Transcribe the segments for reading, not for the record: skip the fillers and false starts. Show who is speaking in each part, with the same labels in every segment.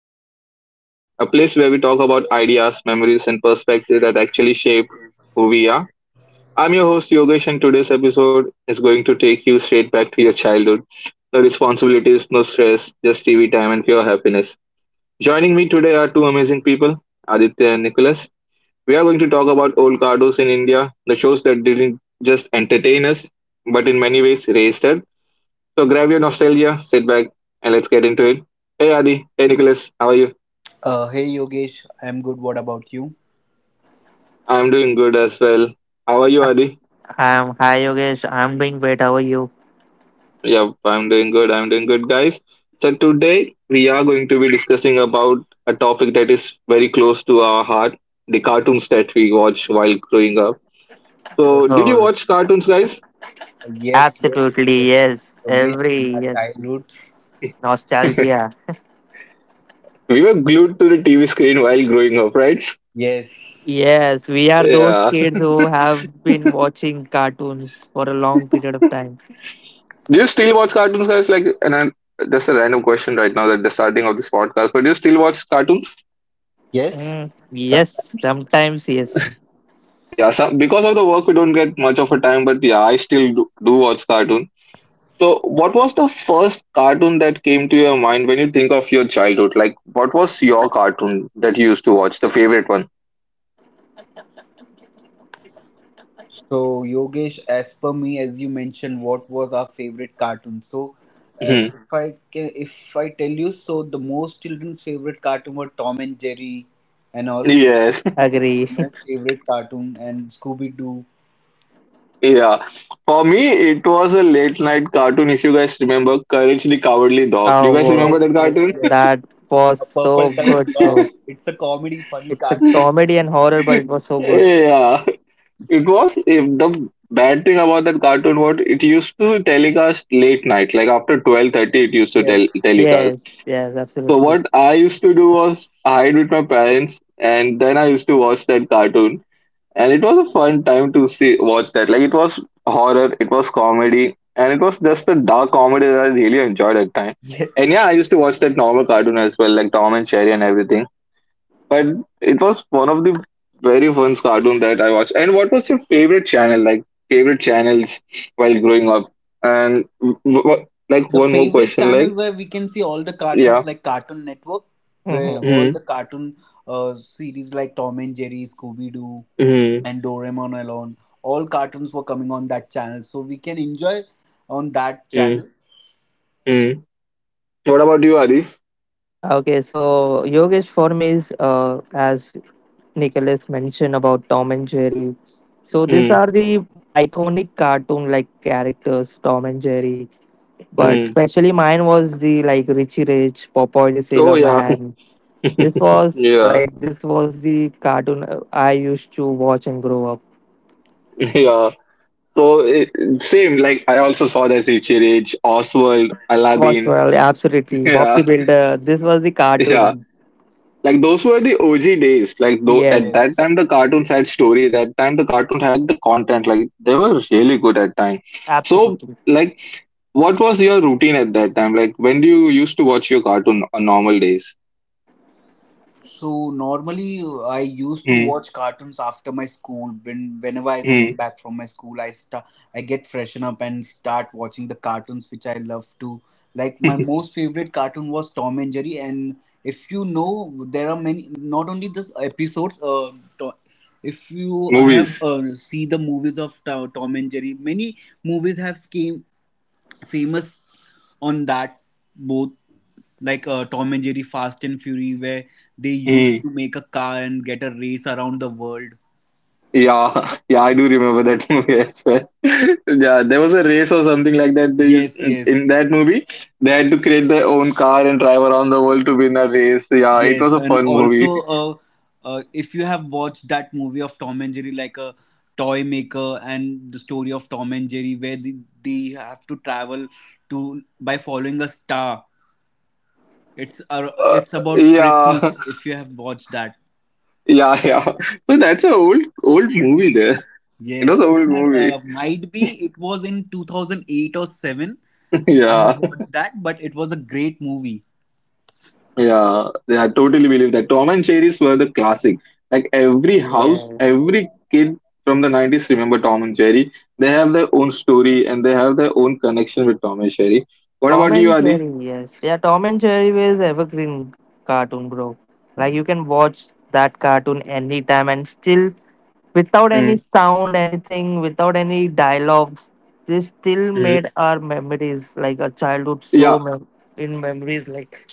Speaker 1: Matters podcast, a place where we talk about ideas, memories, and perspectives that actually shape who we are. I'm your host, Yogesh, and today's episode is going to take you straight back to your childhood. No responsibilities, no stress, just TV time and pure happiness. Joining me today are two amazing people, Aditya and Nicholas. We are going to talk about old cardos in India, the shows that didn't just entertain us, but in many ways raised us, so grab your nostalgia, sit back, and let's get into it. Hey Adi, hey Nicholas, how are you?
Speaker 2: Uh,
Speaker 1: I'm doing good as well. How are you, Adi?
Speaker 3: Hi Yogesh, I'm doing great. How are you?
Speaker 1: Yep, I'm doing good. I'm doing good, guys. So today we are going to be discussing about a topic that is very close to our heart: the cartoons that we watch while growing up. So, did you
Speaker 3: Oh,
Speaker 1: watch cartoons, guys?
Speaker 2: yes, yes,
Speaker 3: absolutely.
Speaker 2: yes.
Speaker 3: Yes,
Speaker 2: Yogesh, in our childhoods.
Speaker 1: We
Speaker 3: nostalgia.
Speaker 1: were glued to the TV screen while growing up, right?
Speaker 2: Yes,
Speaker 3: Yes, we are those
Speaker 1: Yeah.
Speaker 3: kids who have been watching cartoons for a long period of time.
Speaker 1: Do you still watch cartoons, guys? That's a random question right now at the starting of this podcast. But do you still watch cartoons?
Speaker 2: yes. Some.
Speaker 3: Yes, sometimes yes.
Speaker 1: Yeah, some, because of the work, we don't get much of a time, but yeah, I still do watch cartoon. So, what was the first cartoon that came to your mind when you think of your childhood? Like, what was your cartoon that you used to watch, the favorite one?
Speaker 2: So Yogesh, as per me, as you mentioned, what was our favorite cartoon? So,
Speaker 1: Mhm.
Speaker 2: if I tell you, so the most children's favorite cartoon were Tom and Jerry, and all
Speaker 1: Yes.
Speaker 3: Agree.
Speaker 2: most favorite cartoon and Scooby Doo.
Speaker 1: Yeah. For me, it was a late night cartoon. If you guys remember, Courage the Cowardly Dog. Do
Speaker 3: Oh,
Speaker 1: you guys
Speaker 3: wow.
Speaker 2: Yes,
Speaker 1: remember that
Speaker 2: yes,
Speaker 1: cartoon?
Speaker 2: yes.
Speaker 3: That was
Speaker 2: A purple
Speaker 3: so good,
Speaker 2: colored dog.
Speaker 3: bro.
Speaker 2: It's a comedy, funny
Speaker 3: It's a
Speaker 2: cartoon.
Speaker 3: comedy and horror, but it was so good.
Speaker 1: Yeah. It was, if the bad thing about that cartoon, what it used to telecast late night, like after 12:30 it used to
Speaker 2: Yes,
Speaker 1: telecast.
Speaker 3: Yes, yes,
Speaker 1: So
Speaker 3: absolutely.
Speaker 1: what I used to do was hide with my parents and then I used to watch that cartoon. And it was a fun time to see watch that. Like it was horror, it was comedy, and it was just the dark comedy that I really enjoyed at time.
Speaker 2: yes.
Speaker 1: And yeah, I used to watch that normal cartoon as well, like Tom and Jerry and everything. But it was one of the very first cartoon that I watched. And what was your favorite channel? Like favorite channels while growing up? And like
Speaker 2: The
Speaker 1: one more
Speaker 2: favorite
Speaker 1: question.
Speaker 2: channel
Speaker 1: Like,
Speaker 2: where we can see all the
Speaker 1: yeah.
Speaker 2: cartoons, like Cartoon Network, where all the
Speaker 1: Hmm.
Speaker 2: cartoon series like Tom and Jerry, Scooby-Doo,
Speaker 1: Hmm.
Speaker 2: and Doraemon alone, all cartoons were coming on that channel, so we can enjoy on that
Speaker 1: Hmm.
Speaker 2: channel.
Speaker 1: Hmm. What about you, Adi?
Speaker 3: Okay, so Yogesh for me is as Nicholas mentioned about Tom and Jerry. So these
Speaker 1: Hmm.
Speaker 3: are the iconic cartoon like characters, Tom and Jerry. But
Speaker 1: Hmm.
Speaker 3: especially mine was the like Richie Rich, Popeye the
Speaker 1: Oh
Speaker 3: Sailor
Speaker 1: yeah.
Speaker 3: Man. This was
Speaker 1: Yeah.
Speaker 3: like this was the cartoon I used to watch and grow up.
Speaker 1: Yeah. So it, same. Like I also saw that Richie Rich, Oswald,
Speaker 3: Was
Speaker 1: Aladdin.
Speaker 3: well, absolutely Bob the
Speaker 1: Yeah.
Speaker 3: Builder. This was the
Speaker 1: Yeah.
Speaker 3: cartoon.
Speaker 1: Like those were the OG days. Like though at that
Speaker 3: Yes,
Speaker 2: Yes.
Speaker 1: time the cartoons had story. That time the cartoons had the content. Like they were really good at time. So,
Speaker 3: absolutely.
Speaker 1: like what was your routine at that time? Like when do you used to watch your cartoon on normal days?
Speaker 2: So normally, I used to
Speaker 1: Hmm.
Speaker 2: watch cartoons after my school. Whenever I came
Speaker 1: Hmm.
Speaker 2: back from my school, I get freshen up and start watching the cartoons which I love to. Like my most favorite cartoon was Tom and Jerry, and if you know, there are many. Not only this episodes. To, if you have
Speaker 1: Movies.
Speaker 2: see the movies of Tom and Jerry, many movies have came famous on that both, like Tom and Jerry Fast and Fury, where they used
Speaker 1: Hmm.
Speaker 2: to make a car and get a race around the world.
Speaker 1: Yeah, yeah, I do remember that movie as well. Yeah, there was a race or something like that. They used
Speaker 2: Yes, yes,
Speaker 1: in that movie. They had to create their own car and drive around the world to win a race. Yeah, it
Speaker 2: yes.
Speaker 1: was a
Speaker 2: And
Speaker 1: fun movie.
Speaker 2: also, if you have watched that movie of Tom and Jerry, like a toy maker and the story of Tom and Jerry, where they have to travel to by following a star. It's uh,
Speaker 1: Uh,
Speaker 2: it's about
Speaker 1: yeah,
Speaker 2: Christmas. If you have watched that,
Speaker 1: Yeah, yeah. So that's a old movie there. It was
Speaker 2: yes,
Speaker 1: an
Speaker 2: it
Speaker 1: old
Speaker 2: had,
Speaker 1: movie.
Speaker 2: might be it was in 2008 or 7. I have
Speaker 1: Yeah,
Speaker 2: watched that, but it was a great movie.
Speaker 1: yeah. Yeah, I totally believe that. Tom and Jerry's were the classic. Like every house,
Speaker 3: Yeah.
Speaker 1: every kid from the 90s remember Tom and Jerry. They have their own story and they have their own connection with Tom and Jerry. What
Speaker 3: Tom
Speaker 1: about you,
Speaker 3: and
Speaker 1: Adi?
Speaker 3: Jerry, yes. Yeah, Tom and Jerry was evergreen cartoon, bro. Like you can watch that cartoon anytime and still without any
Speaker 1: Mm,
Speaker 3: sound, anything, without any dialogues, this still
Speaker 1: mm.
Speaker 3: made our memories like our childhood so
Speaker 1: Yeah,
Speaker 3: in memories like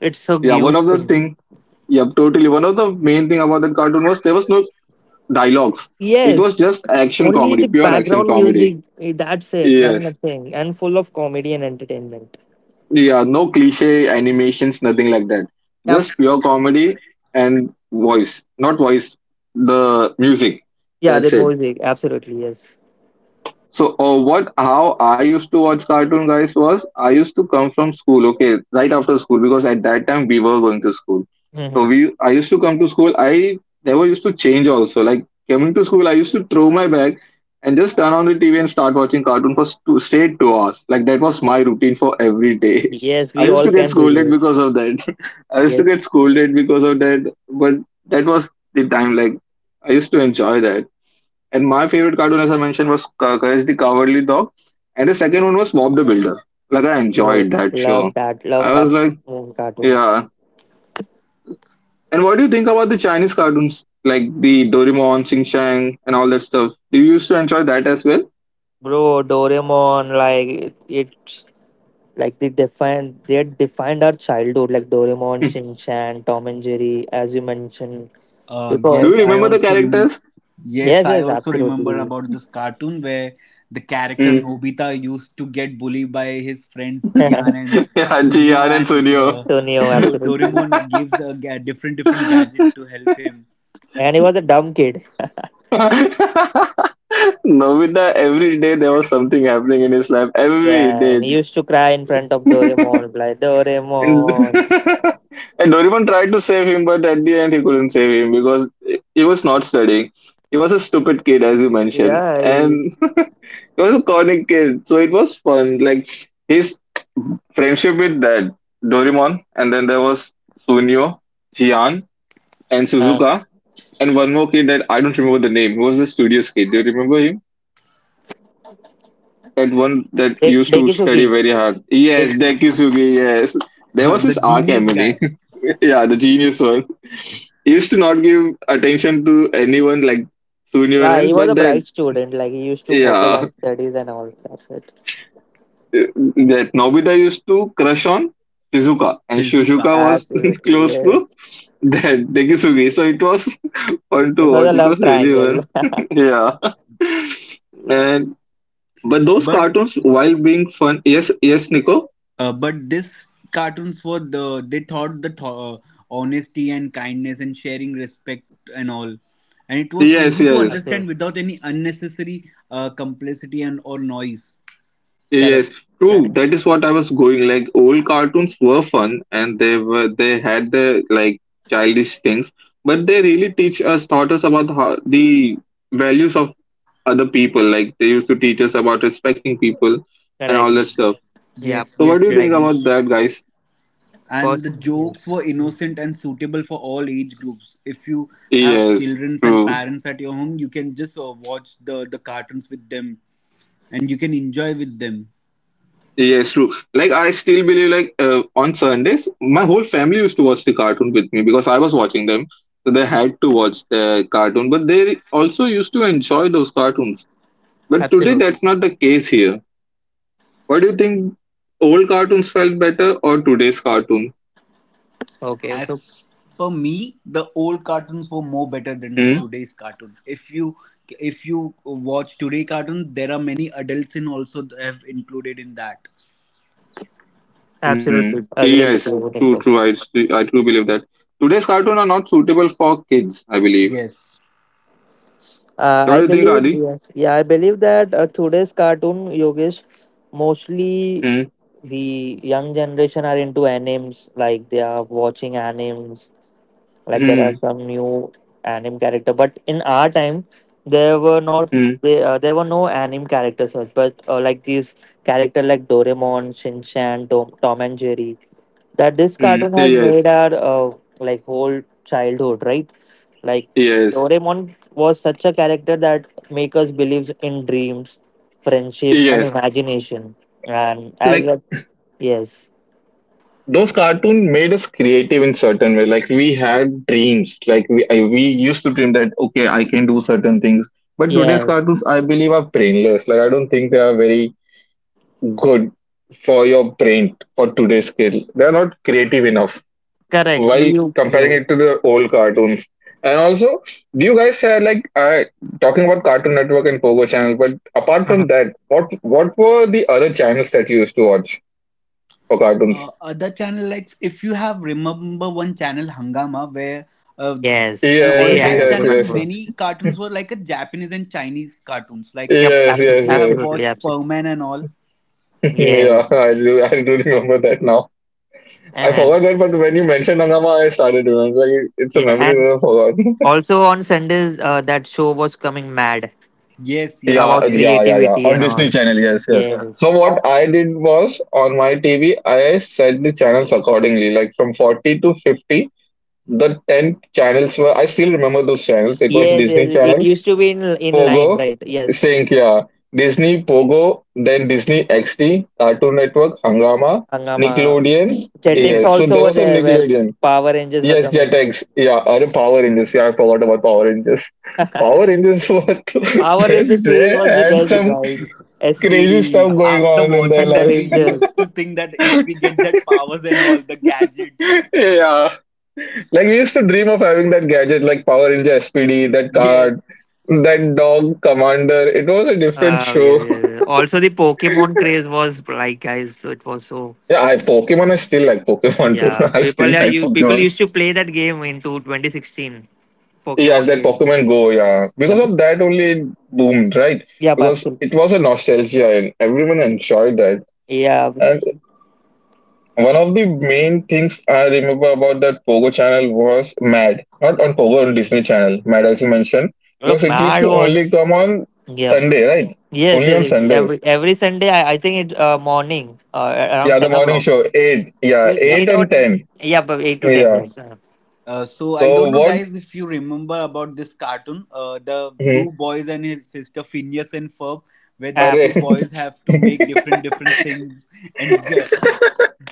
Speaker 3: it's so
Speaker 1: yeah. One of the
Speaker 3: useful.
Speaker 1: thing, yeah, totally. One of the main thing about that cartoon was there was no dialogues. It was
Speaker 3: Yes,
Speaker 1: just action
Speaker 3: only
Speaker 1: comedy,
Speaker 3: the
Speaker 1: pure action
Speaker 3: background
Speaker 1: comedy.
Speaker 3: music. That's it, not
Speaker 1: Yes.
Speaker 3: nothing, and full of comedy and entertainment.
Speaker 1: Yeah, no cliche animations, nothing like that.
Speaker 3: Yep.
Speaker 1: Just pure comedy and voice, not voice, the music.
Speaker 3: Yeah, the
Speaker 1: That's it.
Speaker 3: music. Absolutely, yes.
Speaker 1: So, how I used to watch cartoon guys was, I used to come from school, okay, right after school, because at that time we were going to school.
Speaker 3: Mhm.
Speaker 1: I used to come to school. I never used to change also. Like coming to school, I used to throw my bag and just turn on the TV and start watching cartoon for straight 2 hours. Like that was my routine for every day.
Speaker 3: Yes,
Speaker 1: I
Speaker 3: we
Speaker 1: used
Speaker 3: all
Speaker 1: to get
Speaker 3: can
Speaker 1: scolded
Speaker 3: relate.
Speaker 1: because of that. I used to get
Speaker 3: Yes.
Speaker 1: scolded because of that, but that was the time. Like I used to enjoy that. And my favorite cartoon, as I mentioned, was Courage the Cowardly Dog, and the second one was Bob the Builder. Like I enjoyed
Speaker 3: Oh,
Speaker 1: that show.
Speaker 3: love that. Love
Speaker 1: I
Speaker 3: that,
Speaker 1: was like,
Speaker 3: mm, cartoon.
Speaker 1: yeah. And what do you think about the Chinese cartoons like the Doraemon, Sing Chan, and all that stuff? Do you used to enjoy that as well?
Speaker 3: Bro, Doraemon, like it's like they had defined our childhood, like Doraemon,
Speaker 1: Hmm.
Speaker 3: Shin Chan, Tom and Jerry, as you mentioned.
Speaker 1: Do you
Speaker 2: Yes,
Speaker 3: Because
Speaker 2: I
Speaker 1: remember the
Speaker 2: also remember.
Speaker 1: characters?
Speaker 3: yes,
Speaker 2: Yes, I
Speaker 3: yes,
Speaker 2: also remember
Speaker 3: absolutely.
Speaker 2: about this cartoon where the character
Speaker 1: Hmm.
Speaker 2: Nobita used to get bullied by his friends Gian and
Speaker 1: Yeah,
Speaker 2: Sunyu,
Speaker 1: Jian and
Speaker 2: and
Speaker 1: Sunio.
Speaker 3: Tonio, absolutely.
Speaker 2: Doraemon gives a different different gadget to help him.
Speaker 3: And he was a dumb kid.
Speaker 1: Nobita, every day there was something happening in his life. Every
Speaker 3: Yeah,
Speaker 1: day.
Speaker 3: and he used to cry in front of Doraemon, like
Speaker 1: And
Speaker 3: Doraemon.
Speaker 1: and Doraemon tried to save him, but at the end he couldn't save him because he was not studying. He was a stupid kid, as you mentioned,
Speaker 3: Yeah, he,
Speaker 1: and he was a corny kid. So it was fun. Like his friendship with that Doraemon, and then there was Sunio, Hian, and
Speaker 3: uh,
Speaker 1: Suzuka, and one more kid that I don't remember the name. He was a studious kid. Do you remember him? That one that used to study
Speaker 3: Dekisuki.
Speaker 1: very hard. Yes, Dekisugi. Yes, there was
Speaker 2: The
Speaker 1: his arc
Speaker 2: genius guy.
Speaker 1: enemy. Yeah, the genius one used to not give attention to anyone, like to anyone
Speaker 3: Nah,
Speaker 1: else,
Speaker 3: he was
Speaker 1: but
Speaker 3: a
Speaker 1: that
Speaker 3: bright student. Like he used to focus
Speaker 1: yeah.
Speaker 3: on studies and all. That's it.
Speaker 1: That Nobita used to crush on Shizuka, and
Speaker 2: Shizuka.
Speaker 1: Shizuka was
Speaker 3: Absolutely,
Speaker 1: close
Speaker 3: yes.
Speaker 1: to that Degisugi. So it was fun
Speaker 3: It
Speaker 1: to
Speaker 3: was
Speaker 1: watch.
Speaker 3: a
Speaker 1: It was
Speaker 3: love
Speaker 1: really
Speaker 3: triangle.
Speaker 1: fun. Yeah. And but those
Speaker 2: But
Speaker 1: cartoons while being fun, Nico.
Speaker 2: but this cartoons were they thought honesty and kindness and sharing respect and all, and it was
Speaker 1: Yes,
Speaker 2: easy to
Speaker 1: yes.
Speaker 3: Absolutely.
Speaker 2: understand without any unnecessary complicity and or noise.
Speaker 3: Correct.
Speaker 1: Yes, true.
Speaker 3: Correct.
Speaker 1: That is what I was going. Like old cartoons were fun and they had their like childish things, but they really teach us taught us about how, the values of other people. Like they used to teach us about respecting people and all that
Speaker 3: Correct.
Speaker 1: stuff.
Speaker 3: Yeah.
Speaker 2: Yes,
Speaker 1: So what
Speaker 2: yes,
Speaker 1: do you think
Speaker 3: Right.
Speaker 2: Yogesh.
Speaker 1: about that, guys?
Speaker 2: And the
Speaker 3: Person.
Speaker 2: jokes
Speaker 3: Yes.
Speaker 2: were
Speaker 3: Mm.
Speaker 2: innocent and suitable for all age groups. If you have
Speaker 1: Yes,
Speaker 2: children and
Speaker 1: true.
Speaker 2: parents at your home, you can just watch the cartoons with them, and you can enjoy with them.
Speaker 1: Yes, true. Like I still believe like on Sundays, my whole family used to watch the cartoon with me because I was watching them, so they had to watch the cartoon. But they also used to enjoy those cartoons. But today,
Speaker 3: Absolutely.
Speaker 1: that's not the case here. What do you think? Old cartoons felt better or today's cartoon?
Speaker 3: Okay.
Speaker 2: As
Speaker 3: So
Speaker 2: per me, the old cartoons were more better than the
Speaker 1: Hmm?
Speaker 2: today's cartoon. If you watch today cartoons, there are many adults in also have included in that.
Speaker 3: absolutely
Speaker 1: Hmm.
Speaker 3: agree with
Speaker 1: Yes,
Speaker 3: you, Nico.
Speaker 1: true. I truly believe that today's cartoon are not suitable for kids. I believe.
Speaker 2: Yes.
Speaker 1: What
Speaker 3: I
Speaker 1: do you think,
Speaker 3: believe
Speaker 1: Adi?
Speaker 3: yes. Yeah, I believe that today's cartoon Yogesh, mostly
Speaker 1: Hmm.
Speaker 3: the young generation are into animes. Like they are watching animes like there are
Speaker 1: Hmm.
Speaker 3: some new anime character but in our time there were not
Speaker 1: Hmm.
Speaker 3: there were no anime characters but like these character like doraemon shinchan tom and jerry that this cartoon
Speaker 1: Hmm.
Speaker 3: has made
Speaker 1: Yes.
Speaker 3: our, like whole childhood right like
Speaker 1: Yes.
Speaker 3: doraemon was such a character that make us believe in dreams friendship and
Speaker 1: Yes.
Speaker 3: imagination and as
Speaker 1: Like,
Speaker 3: a yes
Speaker 1: those cartoon made us creative in certain way. Like we had dreams. Like we used to dream that okay, I can do certain things, but today's
Speaker 3: yes
Speaker 1: cartoons I believe are brainless. Like I don't think they are very good for your brain. For today's kid, they're not creative enough
Speaker 3: correct
Speaker 1: while
Speaker 3: you,
Speaker 1: comparing
Speaker 3: you.
Speaker 1: it to the old cartoons. And also, do you guys have like talking about Cartoon Network and Pogo channel, but apart from that, what were the other channels that you used to watch for cartoons?
Speaker 2: Other channel, like if you have remember one channel Hangama, where uh,
Speaker 3: Yes,
Speaker 2: on
Speaker 3: we
Speaker 1: Yes,
Speaker 3: I
Speaker 2: that
Speaker 1: yes,
Speaker 2: channel
Speaker 1: yes.
Speaker 3: remember.
Speaker 2: many cartoons were like a Japanese and Chinese cartoons, like
Speaker 3: Yep,
Speaker 1: Yes,
Speaker 2: if
Speaker 3: absolutely,
Speaker 1: yes,
Speaker 2: you have
Speaker 1: yes.
Speaker 3: absolutely,
Speaker 2: watched
Speaker 3: absolutely.
Speaker 2: Perman and all.
Speaker 1: Yeah,
Speaker 3: Yes,
Speaker 1: I do remember that now. I
Speaker 3: and
Speaker 1: forgot that, but when you mentioned Hangama, I started remembering. Like, it's a
Speaker 3: yeah,
Speaker 1: memory
Speaker 3: and
Speaker 1: that I forgot.
Speaker 3: also on Sundays, that show was coming mad
Speaker 2: Yes, yes,
Speaker 1: Yeah,
Speaker 3: about
Speaker 2: yes,
Speaker 1: yeah, yeah, yeah.
Speaker 3: creativity
Speaker 1: On
Speaker 3: and
Speaker 1: Disney
Speaker 3: all.
Speaker 1: Channel, yes, yes. So
Speaker 3: Yes,
Speaker 1: what I did was on my TV, I set the channels accordingly. Like from 40 to 50, the 10 channels were. I still remember those channels. It was
Speaker 3: yes,
Speaker 1: Disney
Speaker 3: yes. It
Speaker 1: Channel,
Speaker 3: used to be in line,
Speaker 1: Pogo,
Speaker 3: right? Yes,
Speaker 1: Sync, yeah. Disney Pogo, then Disney XD, Cartoon Network, Hangama,
Speaker 3: Hangama.
Speaker 1: Nickelodeon.
Speaker 3: Chetix
Speaker 1: Yes, so
Speaker 2: yes.
Speaker 3: also
Speaker 1: there
Speaker 3: were
Speaker 1: was a
Speaker 3: there where
Speaker 1: Nickelodeon.
Speaker 3: Power Rangers were
Speaker 1: Yes,
Speaker 3: coming.
Speaker 1: Jetix. Yeah, or Power Rangers. Yeah, I forgot about Power Rangers. Power Rangers was
Speaker 3: Power Rangers series
Speaker 1: they
Speaker 3: was the
Speaker 1: had
Speaker 3: best,
Speaker 1: some
Speaker 3: right?
Speaker 1: crazy stuff
Speaker 3: SPD,
Speaker 1: going
Speaker 2: After
Speaker 1: on in their
Speaker 2: watching
Speaker 3: Hunter
Speaker 2: that,
Speaker 1: life.
Speaker 2: we
Speaker 3: Rangers.
Speaker 2: used to think that if we get that powers and all the gadgets.
Speaker 1: Yeah, like we used to dream of having that gadget, like Power Ranger SPD, that card,
Speaker 2: Yes.
Speaker 1: that dog commander. It was a different
Speaker 3: Oh yeah,
Speaker 1: show.
Speaker 3: yeah, yeah. Also, the Pokemon craze was like, guys, so it was so
Speaker 1: Yeah, I Pokemon. I still like Pokemon too.
Speaker 3: yeah,
Speaker 1: I still
Speaker 3: people are
Speaker 1: like
Speaker 3: you people
Speaker 1: Pokemon.
Speaker 3: used to play that game into 2016
Speaker 1: Yes,
Speaker 3: Pokemon
Speaker 1: that
Speaker 3: game.
Speaker 1: Pokemon Go. Yeah, because
Speaker 3: Yep.
Speaker 1: of that only it boomed, right?
Speaker 3: Yep.
Speaker 1: Because
Speaker 3: Absolutely.
Speaker 1: it was a nostalgia and everyone enjoyed that.
Speaker 3: Yeah.
Speaker 1: And
Speaker 3: Was.
Speaker 1: one of the main things I remember about that Pogo channel was Mad, not on Pogo, on Disney Channel. Mad, as you mentioned, because
Speaker 3: Yep.
Speaker 1: it used
Speaker 3: Mad
Speaker 1: to only
Speaker 3: was.
Speaker 1: come on
Speaker 3: Yep.
Speaker 1: Sunday, right?
Speaker 3: Yes.
Speaker 1: Only
Speaker 3: Yes.
Speaker 1: on
Speaker 3: It, every
Speaker 1: Sundays.
Speaker 3: every Sunday, I think it morning around
Speaker 1: Yeah, the
Speaker 3: 10
Speaker 1: morning
Speaker 3: o'clock.
Speaker 1: show eight. Yeah,
Speaker 3: Eight,
Speaker 2: Yep.
Speaker 1: eight
Speaker 3: eight
Speaker 1: and
Speaker 3: or
Speaker 1: ten.
Speaker 3: yeah, but Eight to ten.
Speaker 1: Yeah.
Speaker 3: Yes.
Speaker 2: So I don't
Speaker 1: So
Speaker 2: know,
Speaker 1: what?
Speaker 2: guys, if you remember about this cartoon, the two boys and his sister Phineas and Ferb, where these
Speaker 3: Uh,
Speaker 2: two
Speaker 1: Hmm.
Speaker 2: boys have to
Speaker 1: Hmm.
Speaker 2: make different different things. And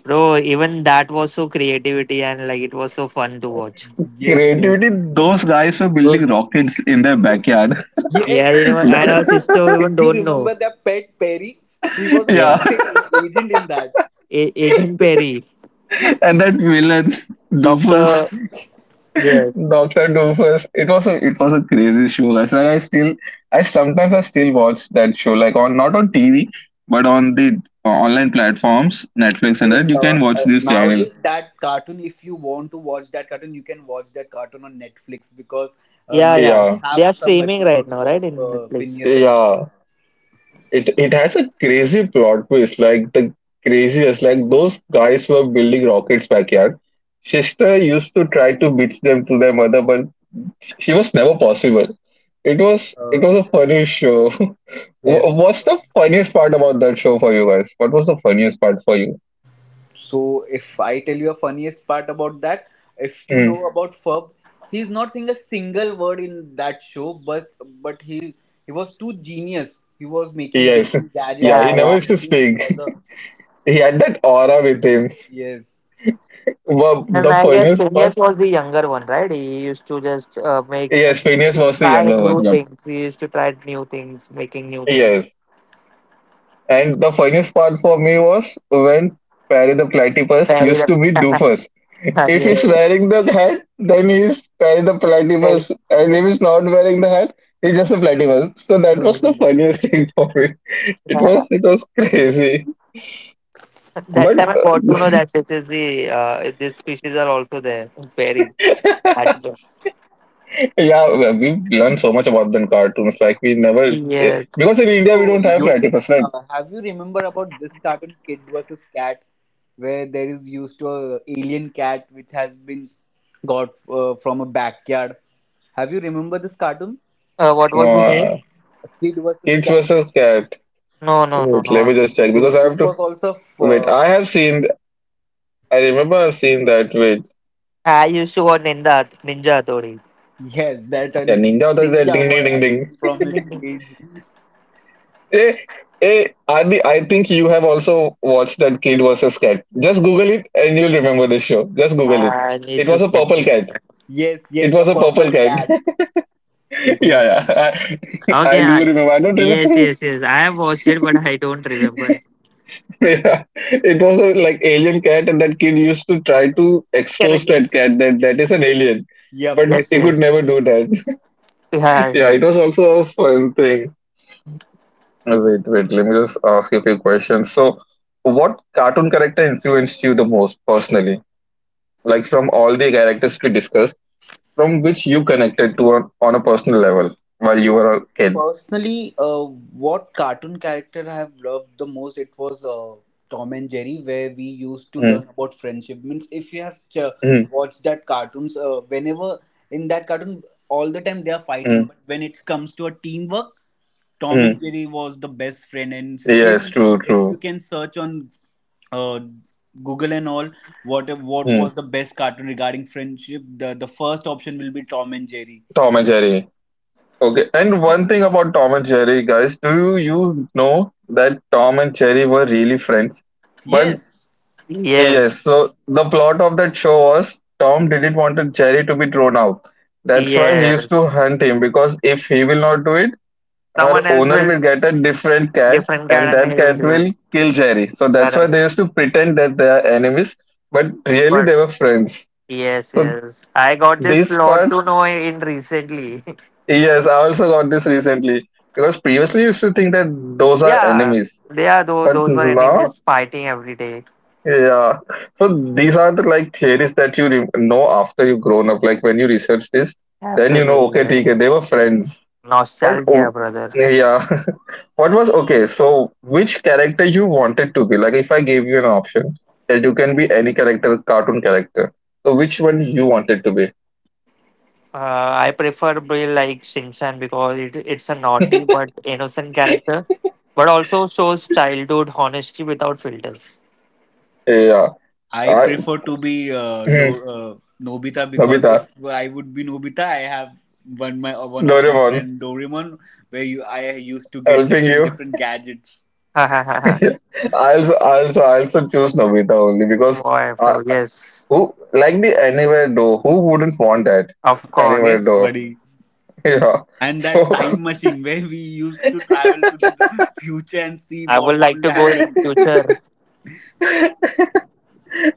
Speaker 3: Bro, even that was so creativity and like it was so fun to watch.
Speaker 2: yes,
Speaker 1: Creativity,
Speaker 2: yes,
Speaker 1: those guys were building
Speaker 3: Those
Speaker 1: rockets in their backyard.
Speaker 2: yes.
Speaker 3: yeah, you know,
Speaker 2: And
Speaker 3: and
Speaker 2: if
Speaker 3: our
Speaker 2: you
Speaker 1: That-
Speaker 3: sister
Speaker 2: if
Speaker 3: even
Speaker 2: you
Speaker 3: don't know.
Speaker 2: remember that pet Perry, he was a
Speaker 1: yeah.
Speaker 3: Yeah,
Speaker 2: secret agent in that.
Speaker 3: Agent Perry,
Speaker 1: And that villain, Doofus,
Speaker 3: Doctor. Yes.
Speaker 1: Doctor Doofus. It was a crazy show. Guys. Like I still, I sometimes I still watch that show. Like on not on TV, but on the online platforms, Netflix and
Speaker 2: So,
Speaker 1: that you can watch these
Speaker 2: nowadays
Speaker 1: channels.
Speaker 2: that cartoon, if you want to watch that cartoon, you can watch that cartoon on Netflix, because
Speaker 3: Yeah, yeah.
Speaker 2: Netflix
Speaker 1: Yeah.
Speaker 3: They
Speaker 2: have
Speaker 3: are
Speaker 2: some
Speaker 3: streaming right
Speaker 2: episodes
Speaker 3: now,
Speaker 2: of
Speaker 3: right? In Netflix.
Speaker 2: Phineas and Ferb.
Speaker 1: Yeah. It has a crazy plot twist, like the craziest. Like those guys were building rockets backyard. Shishta used to try to beat them to their mother, but she was never possible. It was it
Speaker 2: uh,
Speaker 1: was a funny show.
Speaker 2: yes,
Speaker 1: What's the funniest part about that show for you guys? What was the funniest part for you?
Speaker 2: so if I tell you a funniest part about that, if you know
Speaker 1: Mm.
Speaker 2: about Ferb, he's not saying a single word in that show, but he was too genius. He was making
Speaker 1: Yes,
Speaker 2: different gadgets,
Speaker 1: yeah,
Speaker 2: and
Speaker 1: he
Speaker 3: Yeah,
Speaker 2: he
Speaker 1: never
Speaker 3: yeah.
Speaker 2: was
Speaker 1: used to
Speaker 2: helping his
Speaker 1: speak.
Speaker 2: brother.
Speaker 1: He had that aura with him.
Speaker 2: Yes,
Speaker 1: But
Speaker 3: And
Speaker 1: the
Speaker 3: I guess
Speaker 1: funniest
Speaker 3: Phineas
Speaker 1: part,
Speaker 3: was the younger one, right? He used to just make
Speaker 1: yes, Phineas was the
Speaker 3: try
Speaker 1: younger one.
Speaker 3: new
Speaker 1: Yep.
Speaker 3: things. He used to try new things, making new things.
Speaker 1: Yes. And the funniest part for me was when Perry the Platypus
Speaker 3: Very
Speaker 1: used to be Doofus. If
Speaker 3: yeah,
Speaker 1: he's
Speaker 2: yes.
Speaker 1: wearing the hat, then he's Perry the
Speaker 3: very
Speaker 1: Platypus. And if he's not wearing the hat, he's just a platypus. So that
Speaker 3: yeah.
Speaker 1: was the funniest thing for me. It was crazy.
Speaker 3: That
Speaker 1: But
Speaker 3: time I got to know that this is the, these species are also there. Very yes.
Speaker 1: yeah, we learn so much about the cartoons. Like we never
Speaker 3: Yes.
Speaker 1: because in India we
Speaker 2: So,
Speaker 1: don't have
Speaker 2: Yogesh,
Speaker 1: platypus, right?
Speaker 2: have you remember about this cartoon Kid versus Cat, where there is used to a alien cat which has been got, from a backyard? Have you remember this cartoon
Speaker 3: What
Speaker 1: No,
Speaker 3: was the name?
Speaker 2: Kid versus
Speaker 1: kids
Speaker 2: Cat?
Speaker 1: versus cat.
Speaker 3: No,
Speaker 1: Wait,
Speaker 3: no,
Speaker 1: let
Speaker 3: no,
Speaker 1: me just
Speaker 3: no.
Speaker 1: check because I
Speaker 2: So
Speaker 1: have to
Speaker 2: this was also f-
Speaker 1: wait. I have seen I remember seeing that with
Speaker 3: I used to watch Ninja Tori.
Speaker 2: Yes, that
Speaker 1: yeah,
Speaker 2: a
Speaker 1: Ninja Warrior, that
Speaker 2: ninja
Speaker 1: ding
Speaker 2: boy
Speaker 1: ding ding
Speaker 2: has
Speaker 1: ding.
Speaker 2: been from his village.
Speaker 1: Hey, hey, Adi, I think you have also watched that Kid versus Cat. Just Google it and you'll remember this show. Just Google it.
Speaker 3: I need
Speaker 1: It
Speaker 3: to
Speaker 1: was a
Speaker 3: check
Speaker 1: purple cat.
Speaker 3: it.
Speaker 2: Yes,
Speaker 1: It
Speaker 2: yes, a
Speaker 1: was a purple
Speaker 2: purple
Speaker 1: cat.
Speaker 2: cat.
Speaker 1: yeah,
Speaker 3: Okay,
Speaker 1: yeah. I do
Speaker 3: I,
Speaker 1: remember. I don't
Speaker 3: yes,
Speaker 1: remember.
Speaker 3: yes, yes. I have watched it, but I don't remember it.
Speaker 1: yeah. It was a like alien cat, and that kid used to try to expose that
Speaker 3: Correct.
Speaker 1: cat that is an alien,
Speaker 2: Yep.
Speaker 1: but
Speaker 3: Yes,
Speaker 1: he could never
Speaker 3: yes.
Speaker 1: do that.
Speaker 3: Yeah,
Speaker 1: yeah, it was
Speaker 3: yes.
Speaker 1: also a fun thing. Wait, let me just ask you a few questions. So, what cartoon character influenced you the most personally? Like from all the characters we discussed, from which you connected to on a personal level while you
Speaker 2: So
Speaker 1: were a kid?
Speaker 2: personally, what cartoon character I have loved the most? It was Tom and Jerry, where we used to
Speaker 1: Mm,
Speaker 2: learn about friendship. Means if you have
Speaker 1: mm,
Speaker 2: watched that cartoons, whenever in that cartoon, all the time they are fighting.
Speaker 1: mm,
Speaker 2: But when it comes to a teamwork, Tom
Speaker 1: mm.
Speaker 2: and Jerry was the best friend. And still,
Speaker 1: Yes, true,
Speaker 2: if you
Speaker 1: true.
Speaker 2: can search on uh, Google and all, what
Speaker 1: Mm.
Speaker 2: was the best cartoon regarding friendship? The first option will be Tom and Jerry.
Speaker 1: Tom and Jerry. Okay, and one thing about Tom and Jerry, guys, do you, you know that Tom and Jerry were really friends? But
Speaker 2: Yes,
Speaker 3: Yes,
Speaker 1: yes, so the plot of that show was Tom didn't want Jerry to be thrown out. That's why he used to
Speaker 3: yes.
Speaker 1: hunt him because if he will not do it, her
Speaker 3: Someone else
Speaker 1: owner will
Speaker 3: will,
Speaker 1: get a different cat
Speaker 3: different
Speaker 1: and
Speaker 3: guy, and
Speaker 1: that
Speaker 3: he will
Speaker 1: cat
Speaker 3: do it.
Speaker 1: will kill Jerry. So that's why
Speaker 3: Correct.
Speaker 1: they used to pretend that they are enemies, but really
Speaker 3: But
Speaker 1: they were friends.
Speaker 3: yes,
Speaker 1: So
Speaker 3: yes. I got this
Speaker 1: this
Speaker 3: plot
Speaker 1: part,
Speaker 3: to know in recently.
Speaker 1: yes, I also got this recently because previously I used to think that those are
Speaker 3: Yeah,
Speaker 1: enemies,
Speaker 3: they are
Speaker 1: but
Speaker 3: those were
Speaker 1: now
Speaker 3: enemies fighting every day.
Speaker 1: yeah. So these are the like theories that you know after you've grown up. Like when you research this, then you know, okay,
Speaker 3: Absolutely,
Speaker 1: okay, they
Speaker 3: yes.
Speaker 1: were friends. But
Speaker 3: Nostalgia,
Speaker 1: oh,
Speaker 3: brother.
Speaker 1: yeah, what was okay? So which character you wanted to be? Like if I gave you an option that you can be any character, cartoon character. So which one you wanted to be?
Speaker 3: I prefer Bill like Shinchan because it's a naughty but innocent character, but also shows childhood honesty without filters.
Speaker 1: Yeah.
Speaker 2: I
Speaker 1: I,
Speaker 2: prefer to be Do Nobita, because
Speaker 1: Nobita,
Speaker 2: if I would be Nobita, I have one of my
Speaker 1: Doraemon,
Speaker 2: friend Doraemon, where you I used to get
Speaker 1: helping
Speaker 2: different
Speaker 1: you.
Speaker 2: different gadgets.
Speaker 3: Boy,
Speaker 1: I I also choose Nobita only because.
Speaker 3: bro, yes,
Speaker 1: Who like the anywhere door? Who wouldn't want that
Speaker 3: of
Speaker 1: anywhere
Speaker 3: course.
Speaker 2: Yes,
Speaker 1: door?
Speaker 2: buddy.
Speaker 1: Yeah.
Speaker 2: And that
Speaker 1: So
Speaker 2: time machine where we used to travel to the future and see
Speaker 3: I
Speaker 2: what
Speaker 3: would like
Speaker 2: will
Speaker 3: to go in
Speaker 2: happen.
Speaker 3: future.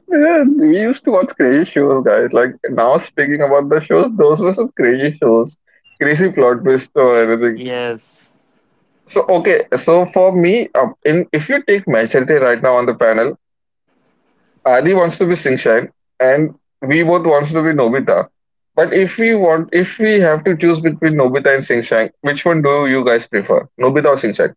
Speaker 1: yeah, we used to watch crazy shows, guys. Like now, speaking about the shows, those were some crazy shows, crazy plot twist or anything.
Speaker 3: Yes.
Speaker 1: So okay, so for me, in if you take majority right now on the panel, Adi wants to be Singshine, and we both wants to be Nobita. But if we have to choose between Nobita and Singshine, which one do you guys prefer, Nobita or Singshine?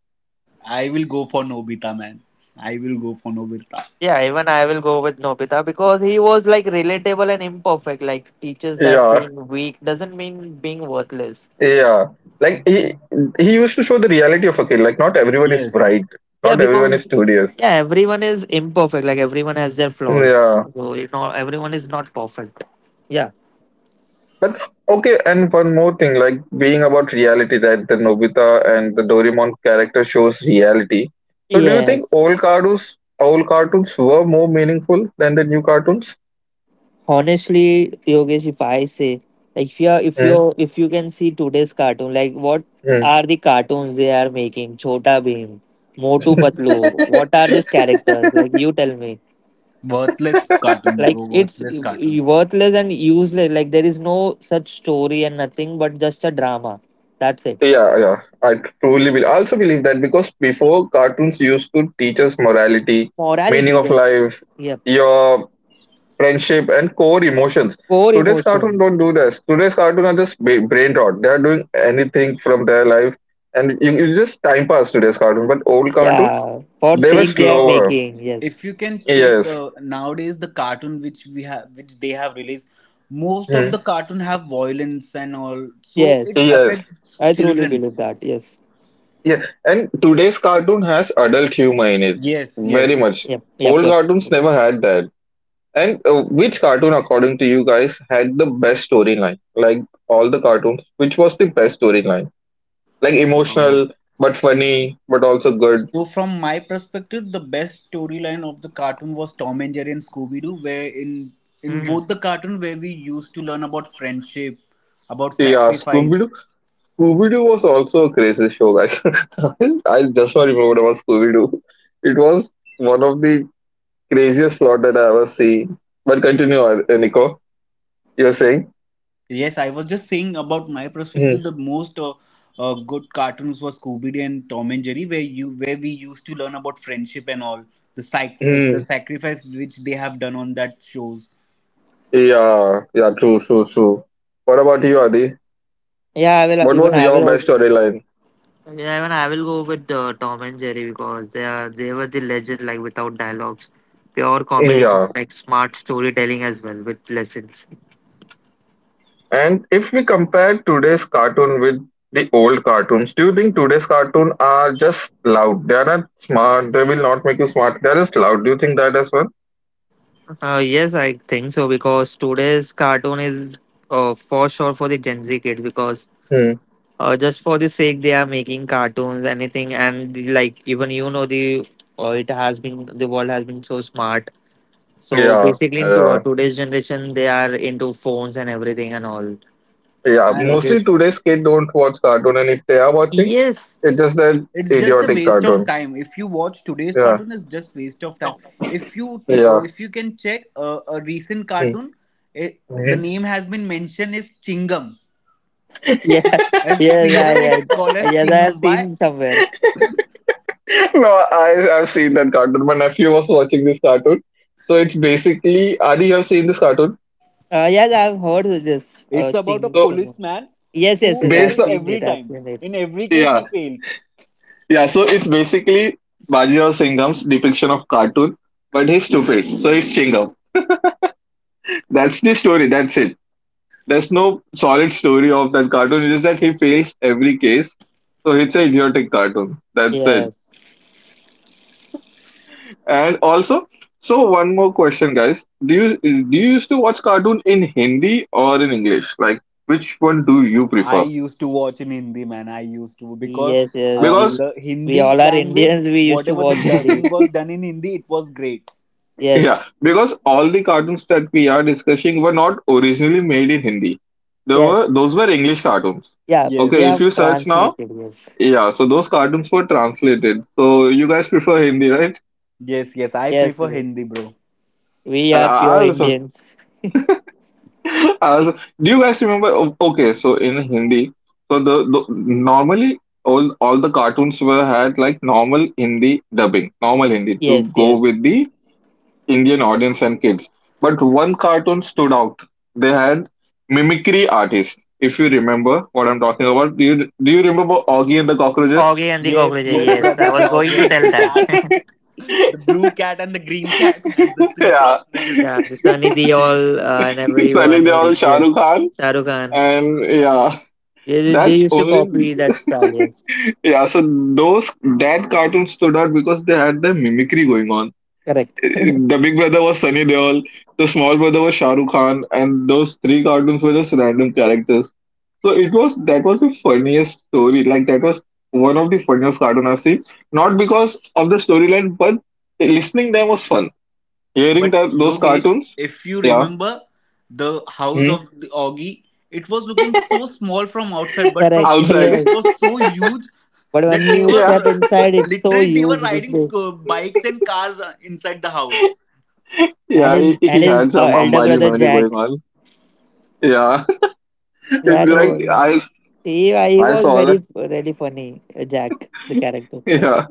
Speaker 2: I will go for Nobita, man. I will go for Nobita.
Speaker 3: Yeah, even I will go with Nobita because he was like relatable and imperfect. Like teaches that
Speaker 1: Yeah.
Speaker 3: being weak doesn't mean being worthless.
Speaker 1: Yeah, like he used to show the reality of a kid. Like not everyone is
Speaker 2: Yes,
Speaker 1: bright,
Speaker 3: Yeah,
Speaker 1: not everyone is
Speaker 3: because
Speaker 1: studious.
Speaker 3: yeah, everyone is imperfect. Like everyone has their flaws.
Speaker 1: Yeah,
Speaker 3: So you know, everyone is not perfect. Yeah.
Speaker 1: but okay. And one more thing, like being about reality, that the Nobita and the Doraemon character shows reality. So do you think
Speaker 3: Yes.
Speaker 1: old cartoons were more meaningful than the new cartoons?
Speaker 3: Honestly, Yogesh, if I say like if you can see today's cartoon, like what
Speaker 1: Mm-hmm.
Speaker 3: are the cartoons they are making? Chota Bheem, Motu Patlu. What are these characters? Like you tell me.
Speaker 2: worthless cartoon,
Speaker 3: Like
Speaker 2: bro.
Speaker 3: it's
Speaker 2: Worthless cartoon.
Speaker 3: worthless and useless. Like there is no such story and nothing but just a drama. That's it.
Speaker 1: Yeah, yeah. I truly believe. I also believe that because before cartoons used to teach us morality,
Speaker 3: Morality,
Speaker 1: meaning of
Speaker 3: yes.
Speaker 1: life,
Speaker 3: Yep.
Speaker 1: your friendship, and core emotions.
Speaker 3: Core
Speaker 1: Today's cartoon
Speaker 3: emotions.
Speaker 1: don't do this. Today's cartoon are just brain rot. They are doing anything from their life, and you just time pass today's cartoon. But old cartoons,
Speaker 3: Yeah, for
Speaker 1: they were
Speaker 3: sake
Speaker 2: And
Speaker 3: they are
Speaker 1: slower.
Speaker 3: making. Yes,
Speaker 2: if you can check,
Speaker 1: Yes,
Speaker 2: nowadays the cartoon which we have, which they have released, most of
Speaker 1: hmm.
Speaker 2: the cartoon have violence and all, so
Speaker 3: yes,
Speaker 2: it
Speaker 1: Yes,
Speaker 2: affects
Speaker 3: I truly
Speaker 2: children.
Speaker 3: believe that. Yes,
Speaker 1: yeah. And today's cartoon has adult humor in it,
Speaker 2: Yes,
Speaker 1: very
Speaker 2: yes.
Speaker 1: much.
Speaker 3: yep, yep,
Speaker 1: Old
Speaker 3: yep.
Speaker 1: cartoons never had that. And which cartoon, according to you guys, had the best storyline? Like all the cartoons, which was the best storyline? Like
Speaker 2: Uh,
Speaker 1: emotional, but funny, but also good.
Speaker 2: so from my perspective, the best storyline of the cartoon was Tom and Jerry and Scooby Doo, where in
Speaker 3: Hmm.
Speaker 2: both the cartoon where we used to learn about friendship, about
Speaker 1: Yeah, Scooby Doo.
Speaker 2: sacrifice.
Speaker 1: Scooby Doo was also a crazy show, guys. I just now remembered about Scooby Doo. It was one of the craziest plot that I ever seen. But continue, Nico. You're saying?
Speaker 2: Yes, I was just saying about my perspective.
Speaker 1: Mm-hmm.
Speaker 2: The most good cartoons was Scooby Doo and Tom and Jerry, where we used to learn about friendship and all the sacrifice which they have done on that shows.
Speaker 1: Yeah, yeah, true, true, true. What about you, Adi?
Speaker 3: Yeah, I will.
Speaker 1: What
Speaker 3: Even
Speaker 1: was
Speaker 3: I
Speaker 1: your
Speaker 3: will. Also,
Speaker 1: best storyline?
Speaker 3: yeah, even I will go with Tom and Jerry because they were the legend. Like without dialogues, pure comedy,
Speaker 1: Yeah,
Speaker 3: like smart storytelling as well with lessons.
Speaker 1: and if we compare today's cartoon with the old cartoons, do you think today's cartoon are just loud? They are not smart. They will not make you smart. They are just loud. Do you think that as well?
Speaker 3: Yes, I think so because today's cartoon is for sure for the Gen Z kids because just for the sake they are making cartoons anything and like even you know the, it has been the world has been so smart so
Speaker 1: Yeah,
Speaker 3: basically into,
Speaker 1: yeah,
Speaker 3: today's generation they are into phones and everything and all
Speaker 1: yeah.
Speaker 3: so
Speaker 2: And
Speaker 1: Mostly
Speaker 3: this
Speaker 1: today's kids don't watch cartoon, and if they are watching,
Speaker 3: yes
Speaker 1: it's just that
Speaker 2: it's just a
Speaker 1: idiotic
Speaker 2: waste of
Speaker 1: cartoon.
Speaker 2: time. If you watch today's
Speaker 1: Yeah,
Speaker 2: cartoon, it's just waste of time.
Speaker 1: yeah.
Speaker 2: If you can check, a recent cartoon, the
Speaker 1: Mm-hmm.
Speaker 2: name has been mentioned is Chingam.
Speaker 3: yeah.
Speaker 2: As
Speaker 3: Yes,
Speaker 2: Chingam, it's called
Speaker 3: I
Speaker 2: as
Speaker 3: yes I have
Speaker 2: Chingam. Why?
Speaker 3: seen somewhere.
Speaker 1: no, I've seen that cartoon. My nephew was watching this cartoon, so it's basically Adi. You have seen this cartoon,
Speaker 3: Yes I have heard of this
Speaker 2: It's
Speaker 3: thing
Speaker 2: about a
Speaker 1: so
Speaker 3: Trimo.
Speaker 2: policeman
Speaker 3: Yes yes
Speaker 2: who
Speaker 3: yes I have
Speaker 1: based
Speaker 2: fails
Speaker 1: on
Speaker 3: seen
Speaker 2: every
Speaker 3: it. I've
Speaker 2: time.
Speaker 3: seen it
Speaker 2: In every case,
Speaker 1: yeah,
Speaker 2: he fails.
Speaker 1: yeah. So it's basically Bajirao Singham's depiction of cartoon, but he's stupid, so he's Chingam. That's the story. That's it. There's no solid story of that cartoon. It's just that he fails every case. So it's an idiotic cartoon. That's it.
Speaker 3: yes
Speaker 1: And also, so one more question, guys. Do you used to watch cartoon in Hindi or in English? Like, which one do you
Speaker 2: I
Speaker 1: prefer?
Speaker 2: used to watch in Hindi, man. I used to, because
Speaker 3: yes yes we
Speaker 1: Because
Speaker 2: the
Speaker 3: we all
Speaker 2: Hindi
Speaker 3: are
Speaker 2: language,
Speaker 3: indians we used to
Speaker 2: whatever the
Speaker 3: watch hindi
Speaker 2: dubbing was done in Hindi, it was great.
Speaker 3: yes
Speaker 1: yeah, because all the cartoons that we are discussing were not originally made in Hindi. They were
Speaker 3: yes.
Speaker 1: those were English cartoons.
Speaker 3: Yeah, they
Speaker 1: Okay,
Speaker 2: Yes,
Speaker 1: if
Speaker 3: have
Speaker 1: you search now,
Speaker 3: translated. Yes,
Speaker 1: yeah, so those cartoons were translated. So you guys prefer Hindi, right?
Speaker 2: yes, yes. I
Speaker 3: yes,
Speaker 2: prefer
Speaker 3: yes.
Speaker 2: Hindi, bro.
Speaker 3: We
Speaker 1: And
Speaker 3: are
Speaker 1: I
Speaker 3: pure
Speaker 1: also,
Speaker 3: Indians.
Speaker 1: I also, do you guys remember? Okay, so in Hindi, so the normally all the cartoons were had like normal Hindi dubbing, normal Hindi to
Speaker 3: Yes,
Speaker 1: go
Speaker 3: yes,
Speaker 1: with the Indian audience and kids. But one
Speaker 3: yes.
Speaker 1: cartoon stood out. They had mimicry artists. If you remember what I'm talking about, do you remember Augie and the Cockroaches?
Speaker 3: Oggy and the
Speaker 2: Yes,
Speaker 3: cockroaches.
Speaker 2: yes,
Speaker 3: Yes, I
Speaker 2: brother. The
Speaker 3: was
Speaker 2: dog
Speaker 3: going to
Speaker 2: and
Speaker 3: tell
Speaker 2: the
Speaker 3: that.
Speaker 2: cat, the blue cat and the green cat and the three
Speaker 1: yeah,
Speaker 2: crocodiles.
Speaker 3: Yeah, the Sunny Deol and
Speaker 1: suddenly
Speaker 3: everyone
Speaker 1: they
Speaker 3: like
Speaker 1: all Shah
Speaker 3: yeah,
Speaker 1: Rukh Khan,
Speaker 3: Shah Rukh Khan.
Speaker 1: and yeah.
Speaker 3: They
Speaker 1: That
Speaker 3: used to
Speaker 1: only,
Speaker 3: copy that style. Yes,
Speaker 1: yeah. So those that cartoon stood out because they had the mimicry going on.
Speaker 3: correct,
Speaker 1: The big brother was Sunny Deol, the small brother was Shah Rukh Khan, and those three cartoons were just random characters. So it was that was the funniest story. Like that was one of the funniest cartoon I've seen. Not because of the storyline, but listening them was fun. Hearing
Speaker 2: But
Speaker 1: that those
Speaker 2: Yogesh,
Speaker 1: cartoons,
Speaker 2: if you
Speaker 1: yeah,
Speaker 2: remember the house
Speaker 1: hmm
Speaker 2: of the Augie, it was looking so small from outside, but
Speaker 3: correct.
Speaker 2: from inside
Speaker 1: outside,
Speaker 3: Yes,
Speaker 2: it was so huge
Speaker 3: but when
Speaker 2: that they
Speaker 3: you
Speaker 1: yeah,
Speaker 3: step
Speaker 2: were
Speaker 3: inside, it's so
Speaker 2: literally they were
Speaker 3: huge. This
Speaker 2: riding
Speaker 3: thing.
Speaker 2: bikes and cars inside the house.
Speaker 3: And
Speaker 1: yeah.
Speaker 3: his
Speaker 1: He
Speaker 3: and his
Speaker 1: had
Speaker 3: uh,
Speaker 1: some
Speaker 3: elder
Speaker 1: Ambani
Speaker 3: brother
Speaker 1: money going
Speaker 3: Jack.
Speaker 1: on. Yeah, It,
Speaker 3: That
Speaker 1: like
Speaker 3: was he. He
Speaker 1: I
Speaker 3: was
Speaker 1: saw that.
Speaker 3: very really funny. Jack, the character.
Speaker 1: Yeah.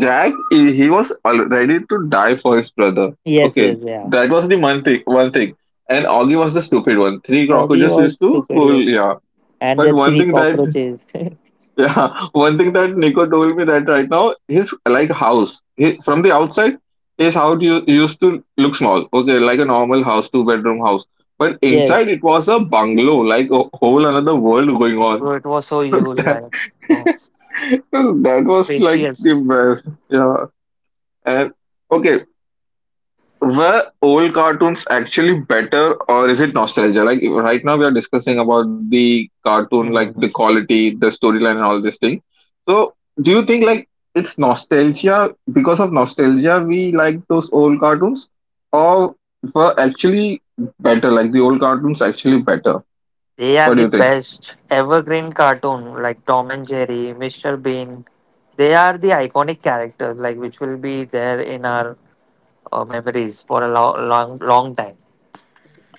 Speaker 1: Jack, he was ready to die for his brother.
Speaker 3: Yes,
Speaker 1: Okay,
Speaker 3: yes, yeah.
Speaker 1: that was the one thing. One thing, and Augie was the stupid one. Three
Speaker 3: Oggy
Speaker 1: cockroaches used
Speaker 3: was
Speaker 1: to
Speaker 3: stupid,
Speaker 1: fool.
Speaker 3: yes.
Speaker 1: Yeah,
Speaker 3: And
Speaker 1: but
Speaker 3: the
Speaker 1: one
Speaker 3: three
Speaker 1: thing that
Speaker 3: cockroaches.
Speaker 1: yeah, one thing that Nico told me that right now his like house from the outside his house used to look small. Okay, like a normal house, 2 bedroom house. But inside
Speaker 3: Yes.
Speaker 1: it was a bungalow, like a whole another world going on.
Speaker 3: Bro, it was so huge. I know.
Speaker 1: that was like the
Speaker 3: Precious.
Speaker 1: best. Yeah. And okay, were old cartoons actually better, or is it nostalgia? Like right now, we are discussing about the cartoon, like the
Speaker 3: Mhm.
Speaker 1: quality, the storyline, and all this thing. So, do you think like it's nostalgia because of nostalgia we like those old cartoons, or were actually better? Like the old cartoons actually better?
Speaker 3: They are
Speaker 1: What do
Speaker 3: the
Speaker 1: you think?
Speaker 3: best evergreen cartoon like Tom and Jerry, Mr. Bean. They are the iconic characters like which will be there in our, memories for a long, long time.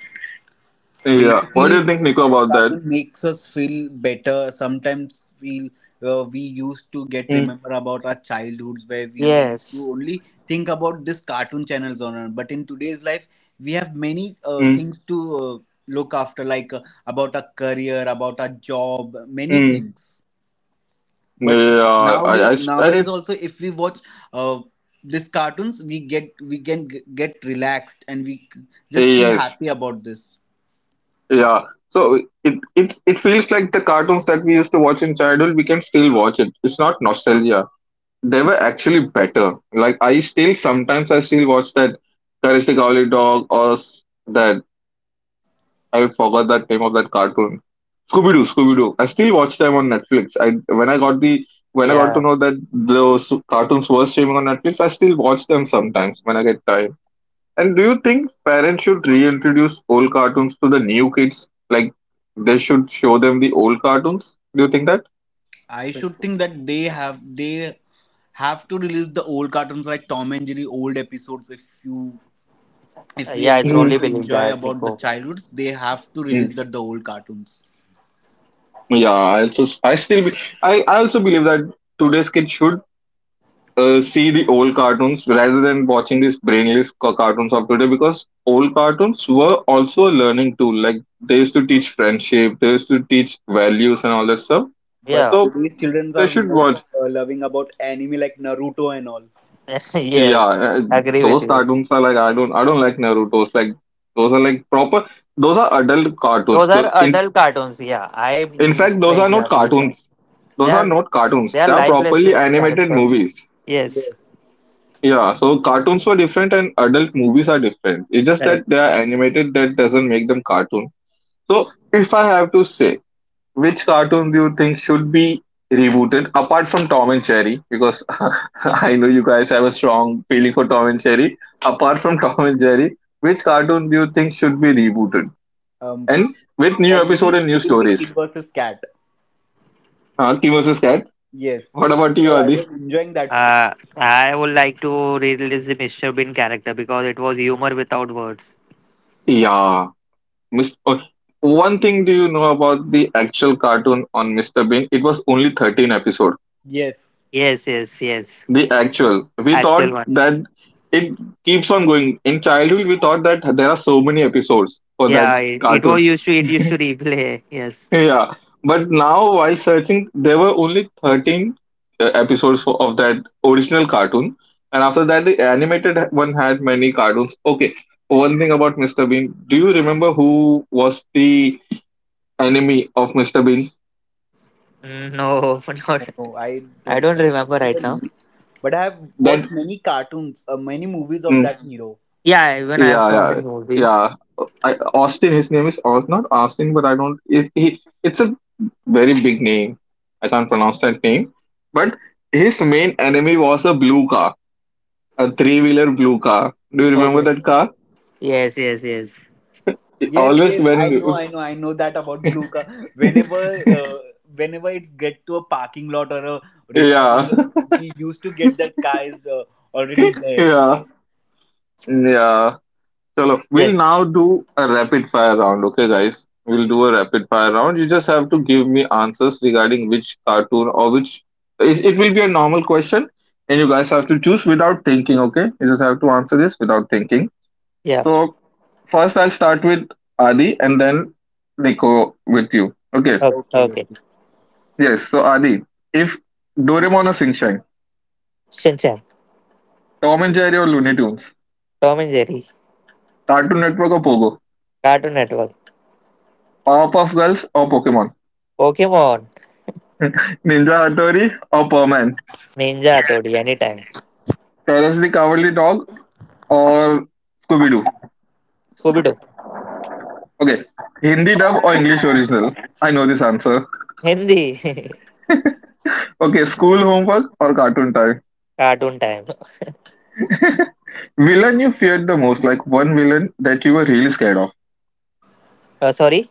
Speaker 1: Yeah. What do you think, Nico, about
Speaker 2: Basically,
Speaker 1: that?
Speaker 2: this cartoon makes us feel better, sometimes feel we used to
Speaker 1: Mm,
Speaker 2: get remember about our childhoods, where we used to
Speaker 3: Yes.
Speaker 2: only think about this cartoon channels but in today's life we have many
Speaker 1: mm,
Speaker 2: things to, look after, like, about our career, about our job, many
Speaker 1: mm.
Speaker 2: things. But
Speaker 1: Yeah, I,
Speaker 2: nowadays,
Speaker 1: I, I,
Speaker 2: also, if we watch uh, these cartoons, we can get relaxed, and just feel
Speaker 1: yes.
Speaker 2: happy about this.
Speaker 1: Yeah. So it feels like the cartoons that we used to watch in childhood, we can still watch it. It's not nostalgia. They were actually better. Like I still sometimes I still watch that Courage the Cowardly Dog or that I forgot that name of that cartoon. Scooby Doo. I still watch them on Netflix. I when I got the when I got to
Speaker 3: Yeah.
Speaker 1: know that those cartoons were streaming on Netflix, I still watch them sometimes when I get time. And do you think parents should reintroduce old cartoons to the new kids? Like they should show them the old cartoons? Do you think that?
Speaker 2: I should think that they have to release the old cartoons, like Tom and Jerry old episodes. If we
Speaker 3: Yeah, I truly
Speaker 2: want
Speaker 1: Mhm.
Speaker 2: to
Speaker 3: believe
Speaker 2: enjoy
Speaker 3: that,
Speaker 2: about the
Speaker 3: Nico.
Speaker 2: childhoods, they have to release
Speaker 1: Mm.
Speaker 2: that the old cartoons.
Speaker 1: Yeah, I also I still be, I also believe that today's kids should see the old cartoons rather than watching these brainless cartoons of today because old cartoons were also a learning tool. Like they used to teach friendship, they used to teach values and all that stuff.
Speaker 2: But
Speaker 3: Yeah.
Speaker 1: So
Speaker 2: today's children
Speaker 1: they
Speaker 2: are
Speaker 1: should
Speaker 2: more
Speaker 1: watch.
Speaker 2: loving about anime like Naruto and all.
Speaker 3: Yes.
Speaker 1: Yeah,
Speaker 3: Agree with
Speaker 1: those
Speaker 3: you.
Speaker 1: cartoons are like I don't like Naruto's like those are like proper those are adult
Speaker 3: Those
Speaker 1: cartoons.
Speaker 3: are
Speaker 1: In
Speaker 3: adult cartoons. Yeah, I
Speaker 1: in
Speaker 3: mm,
Speaker 1: fact those
Speaker 3: make
Speaker 1: are not
Speaker 3: yeah believe that
Speaker 1: cartoons.
Speaker 3: they
Speaker 1: Those are
Speaker 3: are
Speaker 1: not cartoons.
Speaker 3: they are
Speaker 1: They are
Speaker 3: life
Speaker 1: properly
Speaker 3: lessons
Speaker 1: animated
Speaker 3: character.
Speaker 1: movies.
Speaker 2: Yes.
Speaker 3: Yes,
Speaker 1: Yeah, so cartoons were different and adult movies are different. It's just that
Speaker 3: correct.
Speaker 1: they are animated that doesn't make them cartoon. So if I have to say. Which cartoon do you think should be rebooted apart from Tom and Jerry? Because I know you guys have a strong feeling for Tom and Jerry. Apart from Tom and Jerry, which cartoon do you think should be rebooted
Speaker 2: Um.
Speaker 1: and with new
Speaker 2: For me,
Speaker 1: episode and
Speaker 2: it
Speaker 1: new
Speaker 2: will be Kid
Speaker 1: stories?
Speaker 2: versus Cat.
Speaker 1: Monkey versus Cat.
Speaker 2: Yes.
Speaker 1: What about you,
Speaker 2: So I was
Speaker 1: Adi?
Speaker 2: enjoying that show.
Speaker 3: I would like to release the Mr. Bean character because it was humor without words.
Speaker 1: Yeah, Mr. oh, one thing do you know about the actual cartoon on Mr. Bean? It was only 13 episodes.
Speaker 2: Yes.
Speaker 3: Yes, yes, yes.
Speaker 1: The actual. We
Speaker 3: Actual
Speaker 1: thought
Speaker 3: one.
Speaker 1: that it keeps on going. In childhood, we thought that there are so many episodes for that
Speaker 3: Yeah, it, it was
Speaker 1: cartoon.
Speaker 3: used to it used to replay. Yes.
Speaker 1: Yeah, but now while searching, there were only 13 episodes of that original cartoon, and after that, the animated one had many cartoons. Okay, one thing about Mr. Bean. Do you remember who was the enemy of Mr. Bean?
Speaker 3: No, not.
Speaker 2: No, no, I
Speaker 3: I
Speaker 2: don't.
Speaker 3: don't remember
Speaker 2: Know
Speaker 3: right
Speaker 2: the
Speaker 3: now.
Speaker 2: name. But I have watched
Speaker 1: That.
Speaker 2: many cartoons, many movies of
Speaker 1: Mm,
Speaker 2: that hero.
Speaker 3: Yeah, even I have
Speaker 1: yeah,
Speaker 3: so many
Speaker 1: yeah,
Speaker 3: movies.
Speaker 1: yeah. Austin, his name is Aus, not Austin, but I don't. It's a very big name. I can't pronounce that name. But his main enemy was a blue car, a three-wheeler blue car. Do you remember
Speaker 3: Okay.
Speaker 1: that car?
Speaker 3: Yes, yes, yes,
Speaker 1: It
Speaker 2: Yes,
Speaker 1: always
Speaker 2: yes, I know,
Speaker 1: when.
Speaker 2: I know, I know that about blue car. Whenever, uh, Whenever it's get to a parking lot or a resort,
Speaker 1: Yeah,
Speaker 2: and all, we used to get that car is already there.
Speaker 1: yeah, yeah. Chalo, we'll
Speaker 3: yes.
Speaker 1: now do a rapid fire round. Okay, guys, we'll
Speaker 2: Okay,
Speaker 1: do a rapid fire round. You just have to give me answers regarding which cartoon or which. It will be a normal question, and you guys have to choose without thinking. Okay, you just have to answer this without thinking.
Speaker 3: Yeah.
Speaker 1: So first, I'll start with Adi, and then Nico with you. Okay.
Speaker 3: Okay.
Speaker 2: okay,
Speaker 3: Okay.
Speaker 2: okay.
Speaker 1: Yes. So Adi, if Doraemon or Sing Shang,
Speaker 3: Shinchan,
Speaker 1: Tom and Jerry or Looney Tunes,
Speaker 3: Tom and Jerry,
Speaker 1: Cartoon Network or Pogo,
Speaker 3: Cartoon Network.
Speaker 1: Powerpuff Girls or Pokemon,
Speaker 3: Pokemon,
Speaker 1: Ninja Hattori or Perman.
Speaker 3: Ninja Hatodi, anytime.
Speaker 1: Courage the Cowardly Dog or Scooby Doo?
Speaker 3: Scooby Doo,
Speaker 1: Okay, Hindi dub or English original? I know this answer.
Speaker 3: Hindi,
Speaker 1: Okay, school homework or cartoon time?
Speaker 3: Cartoon Time.
Speaker 1: Villain you feared the most, like one villain that you were really scared of.
Speaker 3: Uh, sorry,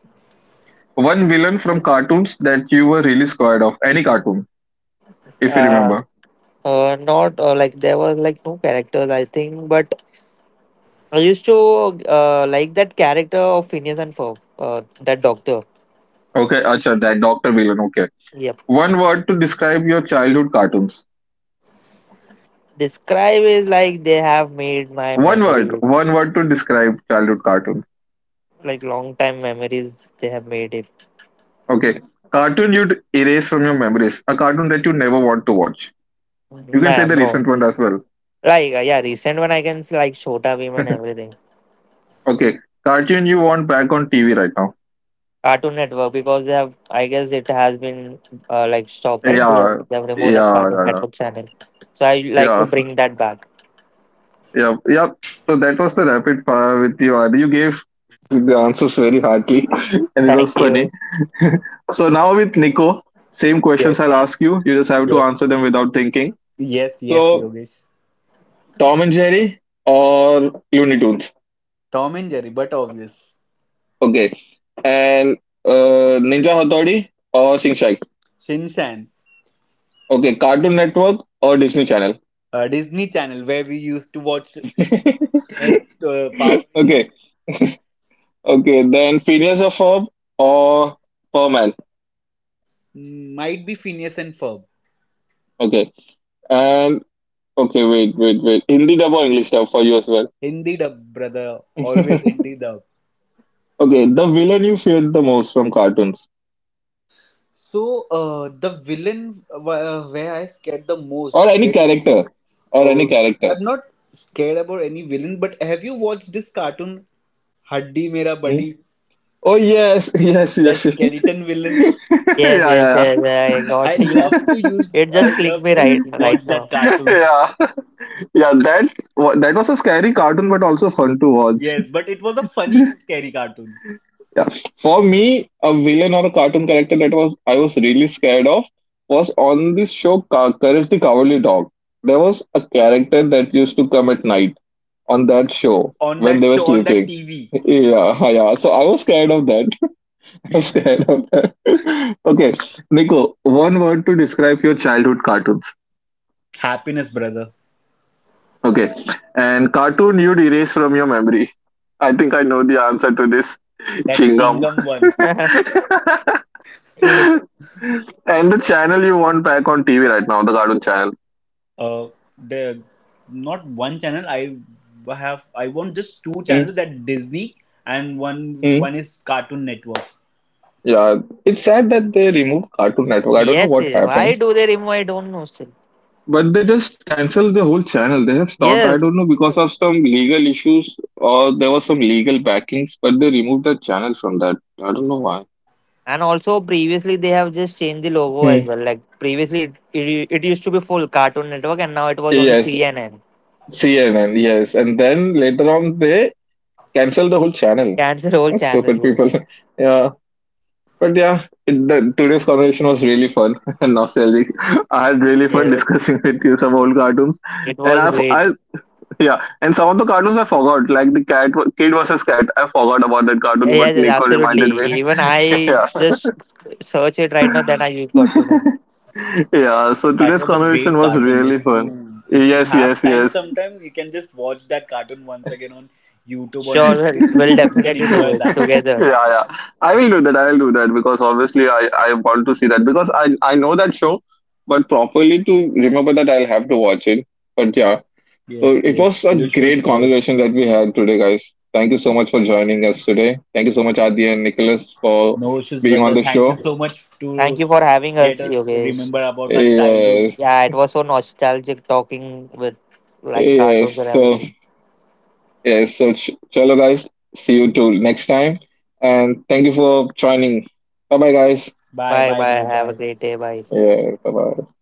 Speaker 1: One villain from cartoons that you were really scared of. Any cartoon, if you
Speaker 3: uh,
Speaker 1: remember.
Speaker 3: not like there was like no characters, I think, but I used to, like that character of Phineas and Ferb, that doctor.
Speaker 1: Okay, acha, that Dr. Villain, okay.
Speaker 3: Yep.
Speaker 1: One word to describe your childhood cartoons.
Speaker 3: Describe is like they have made my
Speaker 1: One word,
Speaker 3: memory,
Speaker 1: one word to describe childhood cartoons.
Speaker 3: like long time memories, they have made it.
Speaker 1: Okay, cartoon you'd erase from your memories. A cartoon that you never want to watch. You can say
Speaker 3: No,
Speaker 1: the
Speaker 3: no.
Speaker 1: recent one as well.
Speaker 3: Like, yeah, recent one I can see like Shota Beam and everything.
Speaker 1: Okay, cartoon you want back on TV right now?
Speaker 3: Cartoon Network because they have, I guess it has been, like stopped, right?
Speaker 1: Yeah,
Speaker 3: They have removed that
Speaker 1: yeah,
Speaker 3: Cartoon
Speaker 1: yeah,
Speaker 3: Network channel. So I
Speaker 1: yeah,
Speaker 3: like
Speaker 1: yeah,
Speaker 3: to bring that back.
Speaker 1: yeah. Yeah. So that was the rapid fire with you, Adi. You gave the answers very hardly, and it was
Speaker 3: Thank
Speaker 1: funny.
Speaker 3: you.
Speaker 1: So now with Nico, same
Speaker 2: Yes,
Speaker 1: questions I'll ask you. You just have to
Speaker 2: yes,
Speaker 1: answer them without thinking.
Speaker 2: yes, yes,
Speaker 1: So
Speaker 2: Yogesh.
Speaker 1: Tom and Jerry or Looney Tunes?
Speaker 2: Tom and Jerry, but obvious.
Speaker 1: Okay. And Ninja Hattori or Sing Shack?
Speaker 2: Shinshan.
Speaker 1: Okay. Cartoon Network or Disney Channel?
Speaker 2: Disney Channel, where we used to watch uh, Power Rangers.
Speaker 1: Okay, okay. Then Phineas or Ferb or Perman.
Speaker 2: Might be Phineas and Ferb.
Speaker 1: Okay, and okay, wait, wait, wait. Hindi dub or English dub for you as well.
Speaker 2: Hindi dub, brother, always Hindi dub.
Speaker 1: Okay, the villain you feared the most from cartoons
Speaker 2: So the villain, where I scared the most.
Speaker 1: or any
Speaker 2: Then
Speaker 1: character or any
Speaker 2: oh,
Speaker 1: character.
Speaker 2: I'm not scared about any villain. But have you watched this cartoon Haddi Mera
Speaker 1: Hmm?
Speaker 2: Buddy?
Speaker 1: Oh yes, yes, yes,
Speaker 2: That
Speaker 1: yes.
Speaker 2: skeleton villain.
Speaker 3: Yes,
Speaker 1: yeah, yeah,
Speaker 3: yes,
Speaker 1: yeah,
Speaker 3: yes. I
Speaker 2: I
Speaker 3: got yeah.
Speaker 2: love to use.
Speaker 3: It just
Speaker 2: I
Speaker 3: clicked
Speaker 2: love
Speaker 3: me
Speaker 2: to
Speaker 3: right
Speaker 2: watch
Speaker 3: right
Speaker 2: that
Speaker 3: now.
Speaker 2: cartoon.
Speaker 1: yeah, yeah. That was a scary cartoon, but also fun to watch.
Speaker 2: Yes, but it was a funny, scary cartoon
Speaker 1: Yeah. For me, a villain or a cartoon character that was I was really scared of was on this show Courage the Cowardly Dog. There was a character that used to come at night on that show
Speaker 2: on
Speaker 1: when they
Speaker 2: that
Speaker 1: were
Speaker 2: show on that
Speaker 1: sleeping.
Speaker 2: TV.
Speaker 1: Yeah, yeah. So I was scared of that. I was scared of that. Okay, Nico, one word to describe your childhood cartoons.
Speaker 2: Happiness, brother.
Speaker 1: Okay, and cartoon you'd erase from your memory. I think I know the answer to this.
Speaker 2: That
Speaker 1: Chingam.
Speaker 2: Chingam one.
Speaker 3: Yes,
Speaker 1: And the channel you want back on TV right now, the Cartoon Channel.
Speaker 2: Uh the Not one channel. I want just two channels, that Disney, and one
Speaker 1: Hmm.
Speaker 2: one is Cartoon Network.
Speaker 1: Yeah, it's sad that they removed Cartoon Network. I don't know
Speaker 3: yes.
Speaker 1: what
Speaker 3: Why
Speaker 1: happened,
Speaker 3: do they remove? I don't know still.
Speaker 1: but they just canceled the whole channel. They have stopped. I
Speaker 3: Yes,
Speaker 1: don't know because of some legal issues or there was some legal backings, but they removed the channel from that. I don't know why.
Speaker 3: and also previously they have just changed the logo as
Speaker 1: Hmm.
Speaker 3: well. Like previously it used to be full Cartoon Network and now it was only
Speaker 1: Yes,
Speaker 3: CNN.
Speaker 1: CNN. Yes, and then later on they canceled the whole channel.
Speaker 3: Cancel whole
Speaker 1: Oh,
Speaker 3: channel.
Speaker 1: stupid people.
Speaker 3: Yes,
Speaker 1: yeah. But yeah, today's conversation was really fun and nostalgic. I had really fun
Speaker 3: yes.
Speaker 1: discussing with you some old cartoons,
Speaker 3: It
Speaker 1: and
Speaker 3: was
Speaker 1: I've,
Speaker 3: great.
Speaker 1: I yeah, and some of the cartoons I forgot, like the cat kid versus cat. I forgot about that
Speaker 3: Yeah,
Speaker 1: cartoon, but
Speaker 3: yes, yes,
Speaker 1: Nico
Speaker 3: absolutely.
Speaker 1: reminded me.
Speaker 3: Even I
Speaker 1: yeah,
Speaker 3: just search it right now, then I got to know.
Speaker 1: yeah. So
Speaker 2: That
Speaker 1: today's
Speaker 2: was a great
Speaker 1: conversation was
Speaker 2: cartoon.
Speaker 1: really fun.
Speaker 2: If you
Speaker 1: Yes,
Speaker 2: have
Speaker 1: yes,
Speaker 2: time,
Speaker 1: yes.
Speaker 2: sometimes you can just watch that cartoon once again on YouTube or
Speaker 3: Sure, we'll,
Speaker 2: Netflix,
Speaker 3: we'll
Speaker 2: so you can
Speaker 3: definitely
Speaker 1: yeah,
Speaker 2: enjoy
Speaker 3: do it
Speaker 2: that.
Speaker 3: together.
Speaker 1: yeah. I will do that. I will do that because obviously I want to see that because I know that show, but properly to remember that I'll have to watch it. But yeah.
Speaker 2: Yes,
Speaker 1: So it
Speaker 2: yes,
Speaker 1: was a
Speaker 2: you should,
Speaker 1: great
Speaker 2: bro.
Speaker 1: conversation that we had today, guys. Thank you so much for joining us today. Thank you so much, Adi and Nicholas, for
Speaker 2: No issues,
Speaker 1: being on
Speaker 2: brother.
Speaker 1: the
Speaker 2: Thank you
Speaker 1: show.
Speaker 2: so much
Speaker 3: Thank
Speaker 2: to
Speaker 3: you for having
Speaker 2: get
Speaker 3: us,
Speaker 2: us
Speaker 3: Yogesh.
Speaker 2: remember about our childhood.
Speaker 1: Yes,
Speaker 3: Yeah, it was so nostalgic talking with like cartoons
Speaker 1: yes.
Speaker 3: and
Speaker 1: So
Speaker 3: everything.
Speaker 1: yes, so chalo, guys. See you till next time, and thank you for joining. Bye, bye, guys.
Speaker 2: Bye
Speaker 3: Bye
Speaker 2: bye,
Speaker 3: bye.
Speaker 2: bro.
Speaker 3: Have a
Speaker 2: Bye.
Speaker 3: great day. Bye.
Speaker 1: Yeah, bye, bye.